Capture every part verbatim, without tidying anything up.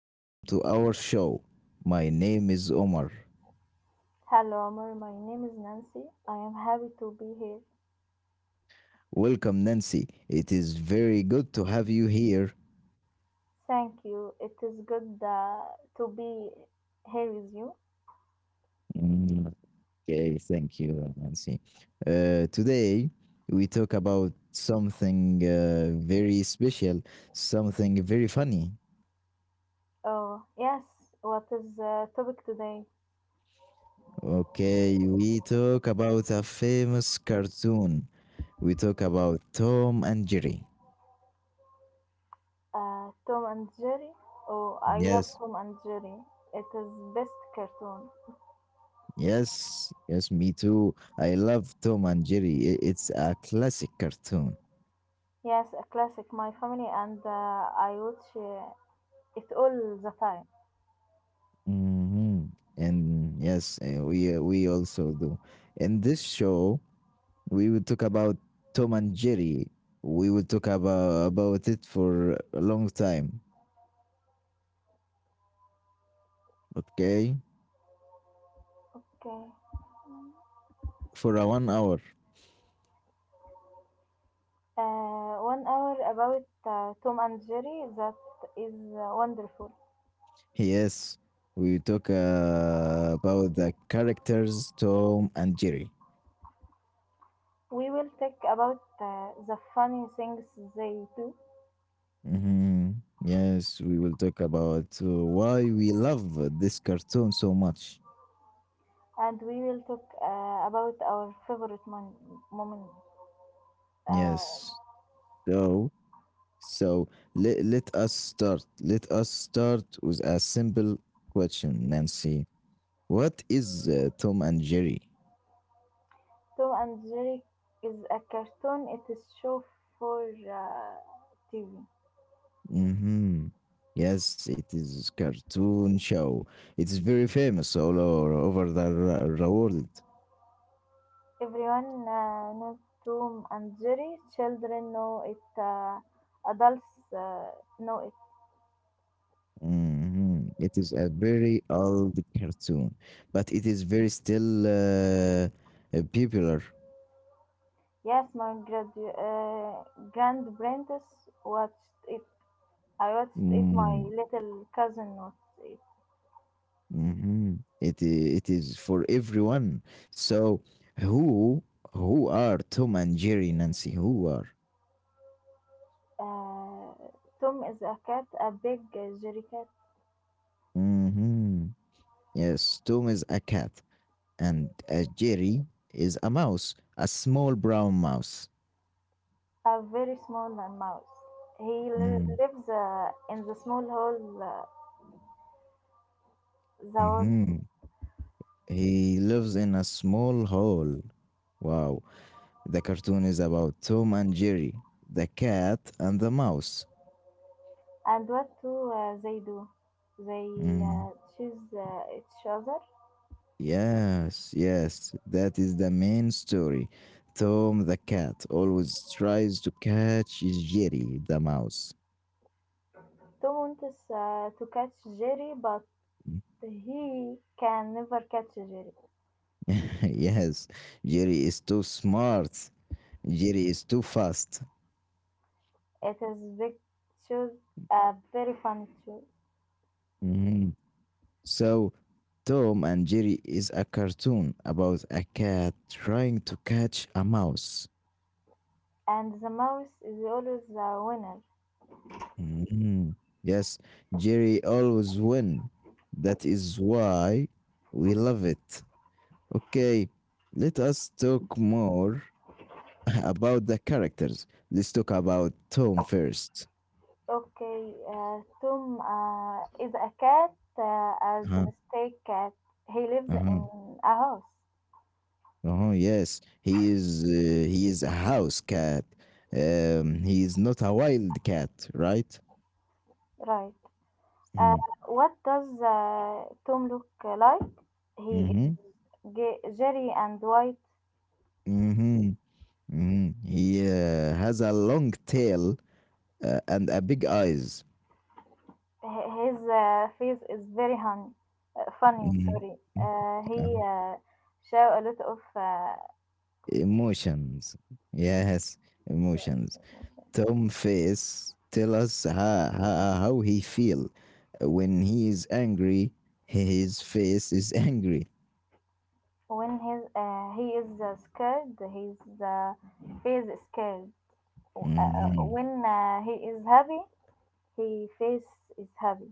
Welcome to our show. My name is Omar. Hello, Amar. My name is Nancy. I am happy to be here. Welcome, Nancy. It is very good to have you here. Thank you. It is good uh, to be here with you. Mm, Okay, thank you, Nancy. Uh, today, we talk about something uh, very special, something very funny. Oh, yes. What is the topic today? Okay, we talk about a famous cartoon. We talk about Tom and Jerry. Uh, Tom and Jerry. Oh, I love Yes. Tom and Jerry. It is best cartoon. Yes, yes, me too. I love Tom and Jerry. I- It's a classic cartoon. Yes, a classic. My family and uh, I watch uh, it all the time. hmm And yes, uh, we uh, we also do. In this show, we will talk about Tom and Jerry. We will talk about about it for a long time. Okay, Okay. for a one hour. Uh, one hour about uh, Tom and Jerry. That is uh, wonderful. Yes, we will talk uh, about the characters Tom and Jerry. We will talk about uh, the funny things they do, hmm Yes, we will talk about uh, why we love uh, this cartoon so much. and we will talk uh, about our favorite mon- moment. Uh, Yes. So, so let, let us start. Let us start with a simple question, Nancy. What is uh, Tom and Jerry? Tom and Jerry is a cartoon. It is show for uh, T V. Mm-hmm. Yes, it is cartoon show. It's very famous all over, over the, r- the world. Everyone uh, knows Tom and Jerry. Children know it. Uh, adults uh, know it. Mhm. It is a very old cartoon, but it is very still uh, uh, popular. Yes, my gradu- uh, grandparents watched it. I watched it. My Mm, little cousin watched it. mhm. It i- it is for everyone. So who who are Tom and Jerry, Nancy? Who are? Uh, Tom is a cat, a big jerry cat, hmm Yes, Tom is a cat, and uh, Jerry is a mouse, a small brown mouse. a very small mouse. He li- lives uh, in the small hole, uh, the world. Mm-hmm. He lives in a small hole. Wow. The cartoon is about Tom and Jerry, the cat and the mouse. And what do uh, they do? They Mm, uh, chase uh, each other. Yes, yes, that is the main story. Tom the cat always tries to catch Jerry the mouse. Tom wants uh, to catch Jerry, but Mm. he can never catch Jerry. Yes, Jerry is too smart. Jerry is too fast. It is big choose, a very funny choose. Mhm. So, Tom and Jerry is a cartoon about a cat trying to catch a mouse. And the mouse is always the winner. Mhm. Yes, Jerry always win. That is why we love it. Okay, let us talk more about the characters. Let's talk about Tom first. Okay, uh, Tom uh, is a cat uh, a Uh-huh. domestic cat. He lives Uh-huh. in a house, Uh-huh. Yes, he is uh, he is a house cat. Um, he is not a wild cat, right? right? Uh, Mm. what does uh, Tom look like? He Mm-hmm. is ge- jerry and white. Mm-hmm. Mm-hmm. He uh, has a long tail uh, and a big eyes. H- His uh, face is very hun- uh, funny. Mhm. Sorry. Mm, Uh, yeah. he uh, show a lot of uh, Emotions. Yes, emotions. emotions. Tom face tell us how, how, how he feel when he is angry. His face is angry. When his, uh, he is uh, scared, his uh, face is scared. Uh, uh, Mm-hmm. when uh, he is happy, he face is happy.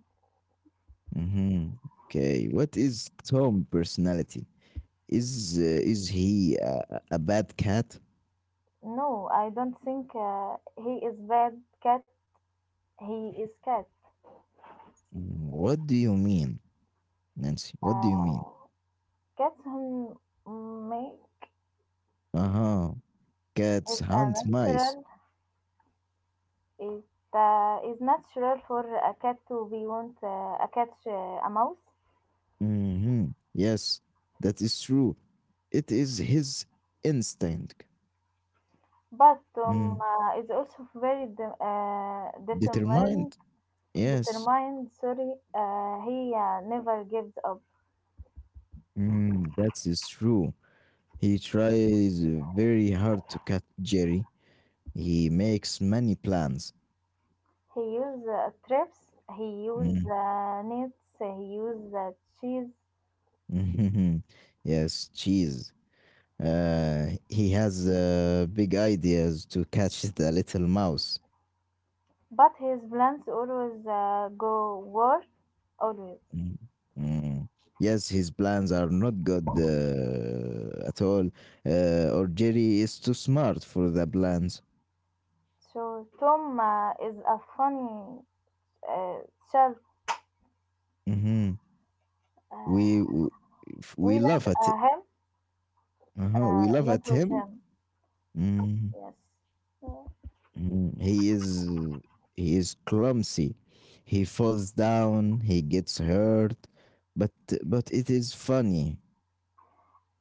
Mm-hmm. Okay. What is Tom personality? Is uh, is he a, a a bad cat? No, I don't think uh, he is bad cat. He is cat. Mm, what do you mean, Nancy? What do you mean? Uh, cats who make Uh huh. it Cats a hunt mice. natural. It uh, is natural for a cat to be want uh, a cat uh, a mouse. Mhm. Yes, that is true. It is his instinct. But um, Mm. uh, is also very de- uh, determined. Determined? Yes. Determined. Sorry, uh, he uh, never gives up. Mm, that is true. He tries very hard to catch Jerry. He makes many plans. He use uh, trips, he use Mm. uh, nets, he use uh, cheese, Yes, cheese. Uh, he has uh, big ideas to catch the little mouse. but his plants always uh, go worse, always. Mm, mm. Yes, his plans are not good uh, at all, uh, or Jerry is too smart for the plans. So Tom uh, is a funny uh, child. hmm We Uh, w- f- we we like laugh at uh, him, uh uh, we laugh not at with him. him. Mhm, Yes. Yeah. mhm. He is he is clumsy. He falls down. He gets hurt, but but it is funny.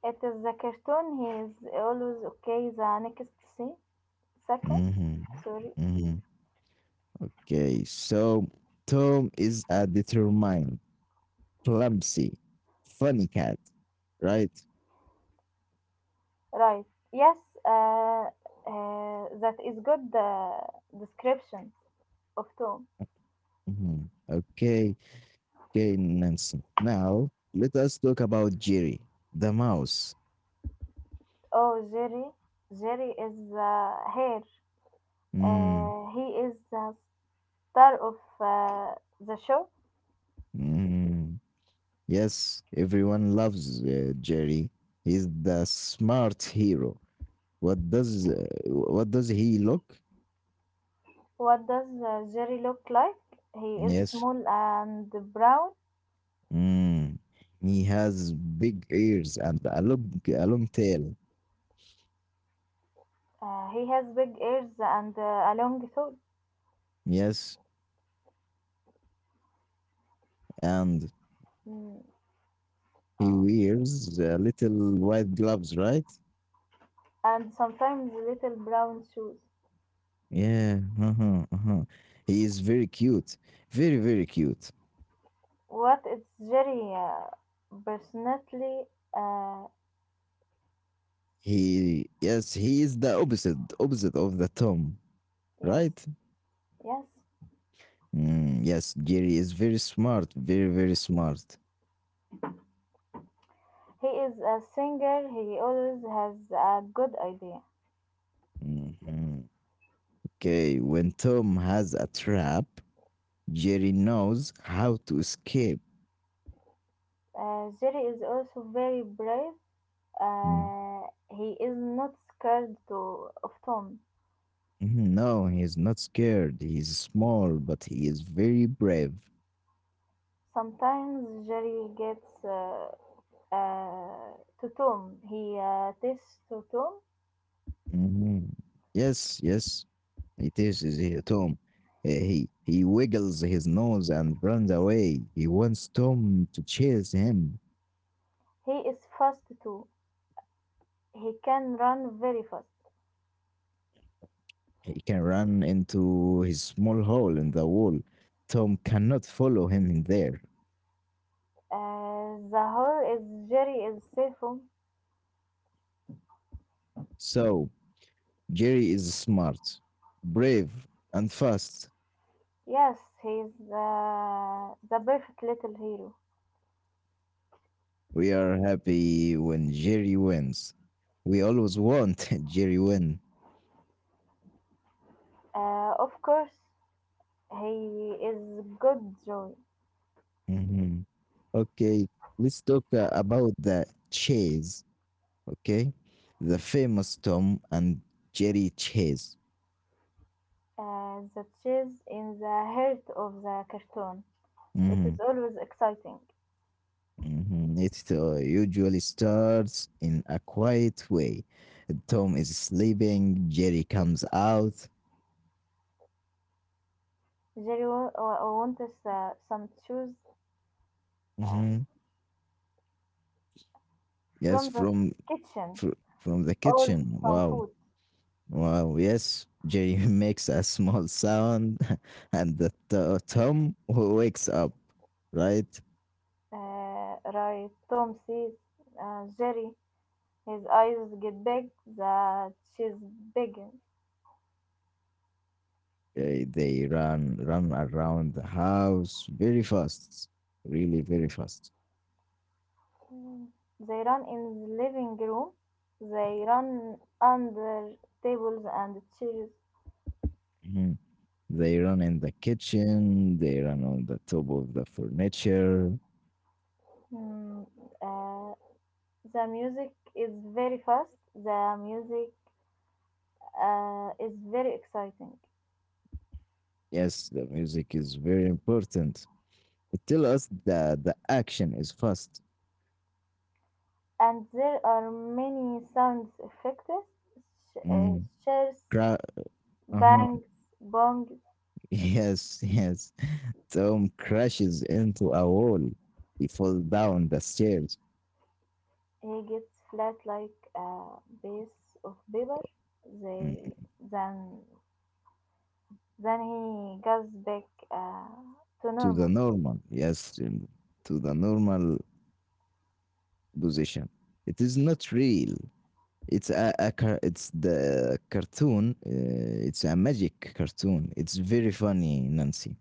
It is the cartoon. He is always okay the next se- second. hmm Sorry. hmm Okay, so Tom is a determined, clumsy, funny cat, right? Right. Yes, uh, uh, that is good uh, description of Tom. Mhm. Okay, okay, Nancy. Now let us talk about Jerry the mouse. Oh, Jerry. Jerry is uh, here. Mm, Uh, he is the star of uh, the show. mm. Yes, everyone loves uh, Jerry. He's the smart hero. What does uh, what does he look? What does uh, Jerry look like? He is Yes. small and brown. Mm. He has big ears and a long, a long tail. Uh, he has big ears and uh, a long throat. Yes, and Mm, he oh. wears uh, little white gloves, right? And sometimes little brown shoes. Yeah, uh-huh, uh-huh. He is very cute, very very cute. What is Jerry uh, personality? Uh, He yes, he is the opposite opposite of the Tom, Yes, right? yes. Mm, yes, Jerry is very smart, very very smart. He is a singer. He always has a good idea. Mhm. Okay, when Tom has a trap, Jerry knows how to escape. Uh, Jerry is also very brave. Mm, Uh, he is not scared to, of Tom. mhm, no, he is not scared. He is small, but he is very brave. Sometimes Jerry gets uh, uh, to Tom. He uh, tests to Tom. Mhm. Yes, yes. It is is here, Tom. Uh, he he wiggles his nose and runs away. He wants Tom to chase him. He is fast too. He can run very fast. He can run into his small hole in the wall. Tom cannot follow him in there. Uh, the whole is Jerry is safe. So Jerry is smart, brave, and fast. Yes, he is uh, the perfect little hero. We are happy when Jerry wins. We always want Jerry win. Uh, of course, he is good joy. Mhm. Okay, let's talk uh, about the chase. Okay, the famous Tom and Jerry chase. Uh, the chase in the heart of the cartoon. It is Mhm, always exciting. mhm. It uh, usually starts in a quiet way. Tom is sleeping. Jerry comes out. Jerry wa- wa- wants uh, some shoes uh, Mhm. Yes, from the from kitchen fr- from the or kitchen. some Wow, food. wow. Yes, Jerry makes a small sound, and the to- Tom w- wakes up. Right? Uh, right, Tom sees uh, Jerry. His eyes get big. The cheese begins. They they run run around the house very fast really very fast. They run in the living room. They run under tables and chairs. Mhm. They run in the kitchen, they run on the top of the furniture. Hmm, uh, the music is very fast. The music uh, is very exciting, Yes, the music is very important. It tells us that the action is fast. and there are many sound effects. Sh- uh, Mm. shares, Cra- uh-huh. bangs, bong. Yes, yes. Tom crashes into a wall. He falls down the stairs. He gets flat like a piece of paper. mm, They then then he goes back uh, to to the normal. normal. Yes, mm, to the normal position. It is not real. It's a, a car- it's the cartoon. Uh, it's a magic cartoon. It's very funny, Nancy.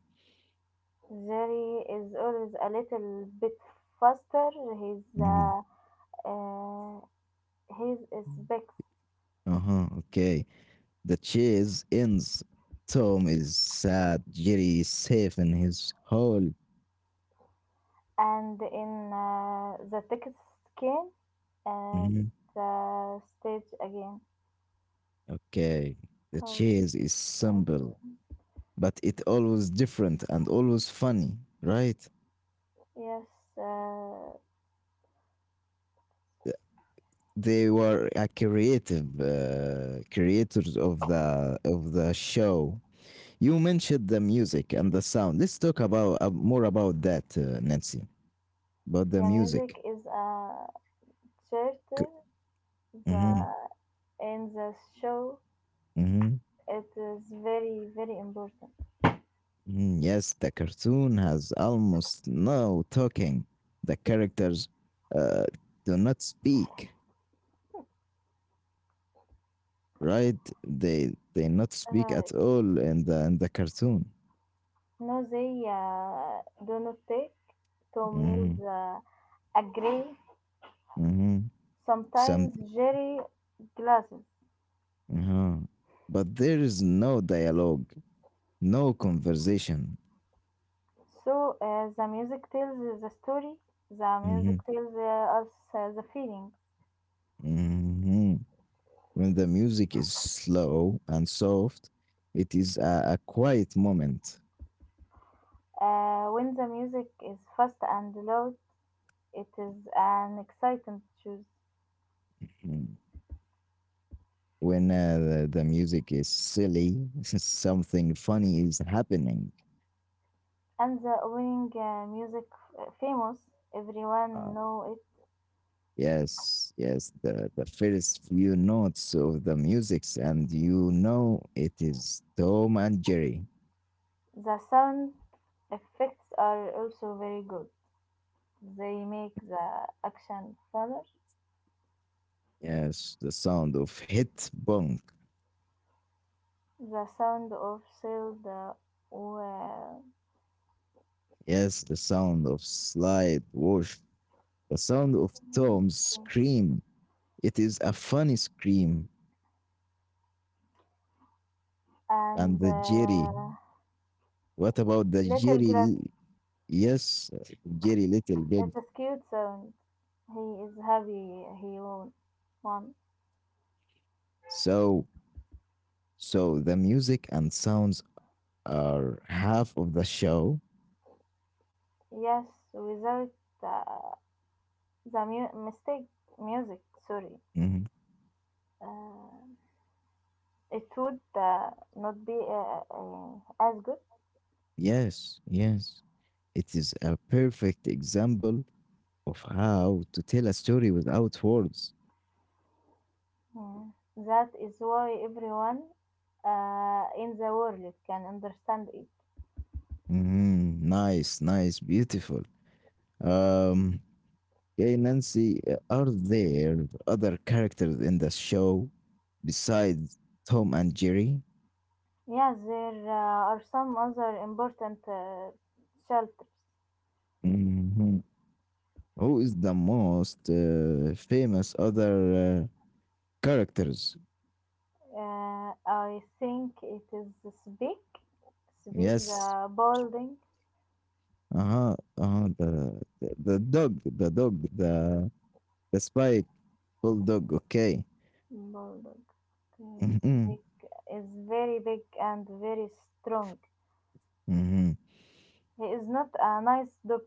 Jerry is always a little bit faster. He's Mhm. uh, uh, his specs Uh huh. Okay. The chase ends. Tom is sad. Jerry is safe in his hole. and in uh, the text came at Mhm. the stage again. Okay. The Thursday. chase is simple, but it always different and always funny, right? Yes, uh, Th- They were a creative uh, creators of the of the show. You mentioned the music and the sound. Let's talk about uh, more about that, uh, Nancy. But the the music. music is a charter. Mm-hmm, The in the show hmm it is very very important. hmm yes, the cartoon has almost no talking. The characters uh, do not speak, right? They they not speak Right. at all in the in the cartoon. No, they uh, do not take two meals. hmm Uh, agree. hmm Sometimes Some, Jerry glasses. uh but there is no dialogue, no conversation. So, uh, the music tells the story, the Mm-hmm. music tells uh, us uh, the feeling. Mm-hmm. When the music is slow and soft, it is a, a quiet moment. Uh, when the music is fast and loud, it is an exciting choice. Mm. When uh, the, the music is silly, something funny is happening. And the opening uh, music f- famous, Uh, everyone know yes, yes, the, the first few notes of the musics, and you know it is Tom and Jerry. it. The sound effects are also very good. They make the action fuller. Yes, the sound of hit bunk. The sound of sailed uh, wa- Yes, the sound of slide wash. The sound of Tom's scream. It is a funny scream. And and the Jerry. uh, What about the little Jerry? glass. L- Yes, Jerry Little Big. It's a cute sound. He is happy he won. One. So, so the music and sounds are half of the show. Yes, without the, the mu- mistake music, sorry. Mhm. Uh, it would uh, not be uh, uh, as good. Yes, yes. It is a perfect example of how to tell a story without words. Mm. That is why everyone uh, in the world can understand it. Mhm. Nice, nice, beautiful. Um, okay, Nancy, uh, are there other characters in the show besides Tom and Jerry? Yes, there uh, are some other important uh, shelters. Mhm. Who is the most uh, famous other uh, characters? Uh, I think it is Speak, Speak Yes. the building. Uh-huh. Uh-huh. The, the the dog, the dog, the the spike bulldog. Okay. Bulldog is Mm-hmm. big, is very big and very strong. Mm-hmm. He is not a nice dog.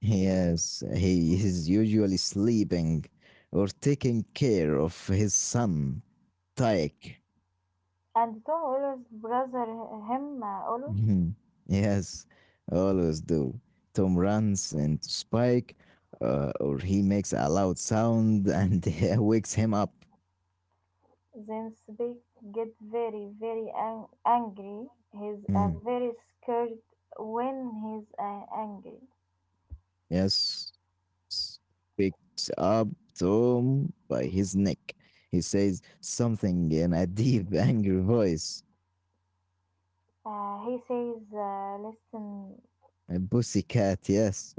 Yes, he is usually sleeping or taking care of his son, Tyke. And Tom always brother him uh, always. Mhm. Yes, always do. Tom runs into Spike, uh, or he makes a loud sound and wakes him up. Then big get very very ang- angry. He's uh, Mm, very scared when he's uh, angry. Yes, S- wakes up Tom by his neck. He says something in a deep, angry voice. Uh, he says, uh, "Listen, A pussycat, yes.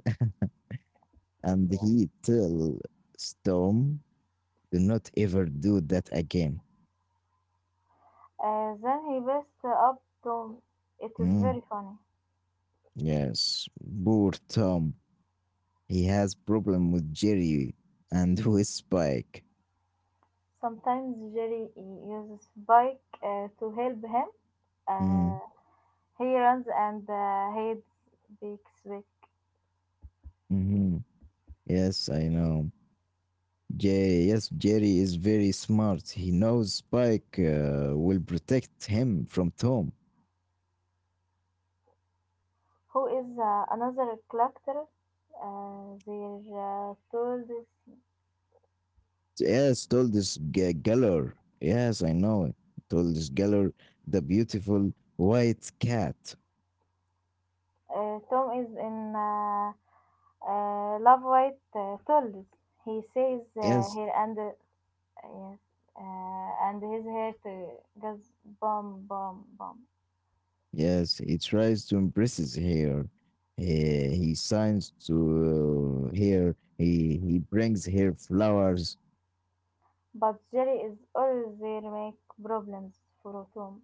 And yeah." he tells Tom, do not ever do that again. Uh, then he bursts up Tom. It is Mm, very funny. Yes, poor Tom. He has problem with Jerry and with Spike. Sometimes Jerry uses Spike uh, to help him. Mm, Uh, he runs and uh, hides Beakswick, mhm. Yes, I know. Jerry, yes, Jerry is very smart. He knows Spike uh, will protect him from Tom. who is uh, another collector. Uh, they uh, told is, Yes, told this G- Geller. Yes, I know it. Told this Geller, the beautiful white cat. uh, Tom is in uh, uh, love with uh, Tolls. He says uh, Yes, here and uh, yes, uh, and his hair to goes bum bum bum. yes, he tries to impress his hair. He, he signs to uh, here. He he brings her flowers. But Jerry is always there make problems for Tom.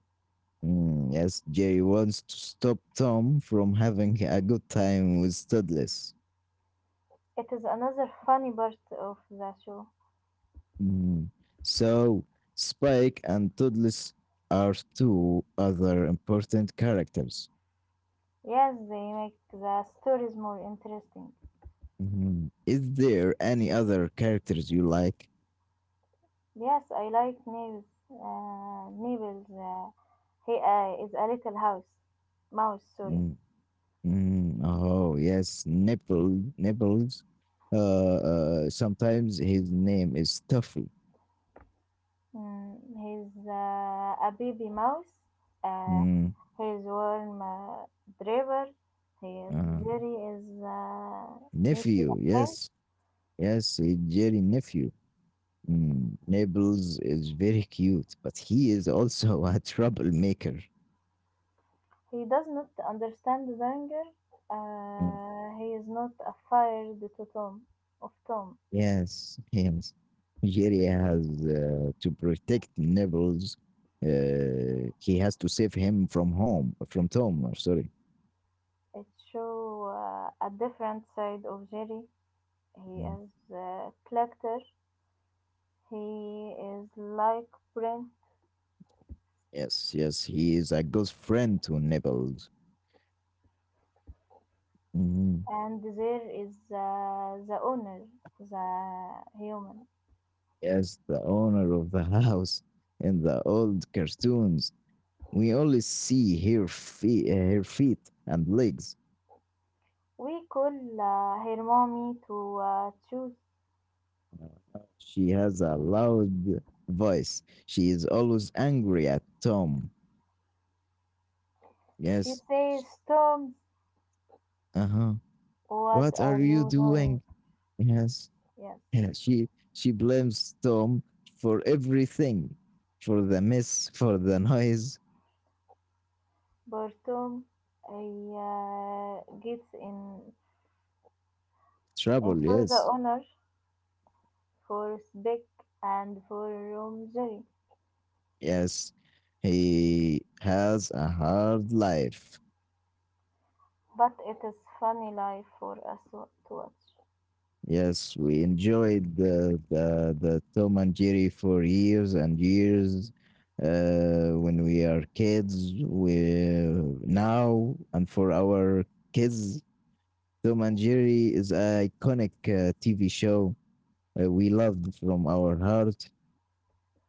Mm, yes, Jerry wants to stop Tom from having a good time with Toddless. It is another funny part of the show. Mm. So, Spike and Toddless are two other important characters. Yes, they make the stories more interesting. Mhm. Is there any other characters you like? Yes, I like Nibbles. Uh, Nibbles, uh, he uh, is a little house mouse. Sorry, Mm, mm, oh, yes, Nipple, Nipples. Uh, uh, sometimes his name is Tuffy. mm, he's uh, a baby mouse. Uh, Mm, he's warm uh, driver. He is uh, Jerry is uh, nephew nephew, of mine. yes, yes, he Jerry nephew. Mm, Naples is very cute, but he is also a troublemaker. He does not understand the danger. Mm. Uh, he is not afraid to Tom of Tom. Yes, yes. Jerry has uh, to protect Naples. Uh, he has to save him from home, from Tom. Uh, sorry. It shows uh, a different side of Jerry. He Mm. is a collector. He is like Brent, Yes, yes. He is a good friend to Naples. Mhm. and there is uh, the owner, the human. Yes, the owner of the house in the old cartoons. We only see her feet, her feet and legs. We call uh, her mommy to uh, choose. She has a loud voice. She is always angry at Tom. She Yes. says, "Tom, Uh huh. what What are are you you doing?" doing? Yes. Yes, Yeah, She she blames Tom for everything, for the mess, for the noise, but Tom, he uh, gets in, in trouble. for the Yes. honor, for Speck, and for Rom Jerry. Yes. He has a hard life. But it is funny live for us wa- to watch. Yes, we enjoyed the the, the Tom and Jerry for years and years. Uh, when we are kids, we now and for our kids, Tom and Jerry is an iconic uh, T V show uh, we loved from our heart.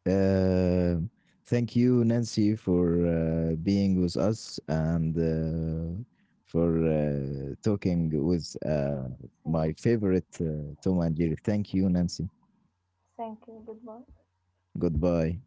Uh, thank you, Nancy, for uh, being with us and uh, for uh, talking with uh, Thank my you. favorite uh, Tom and Jerry. Thank you, Nancy. Thank you. Goodbye. Goodbye.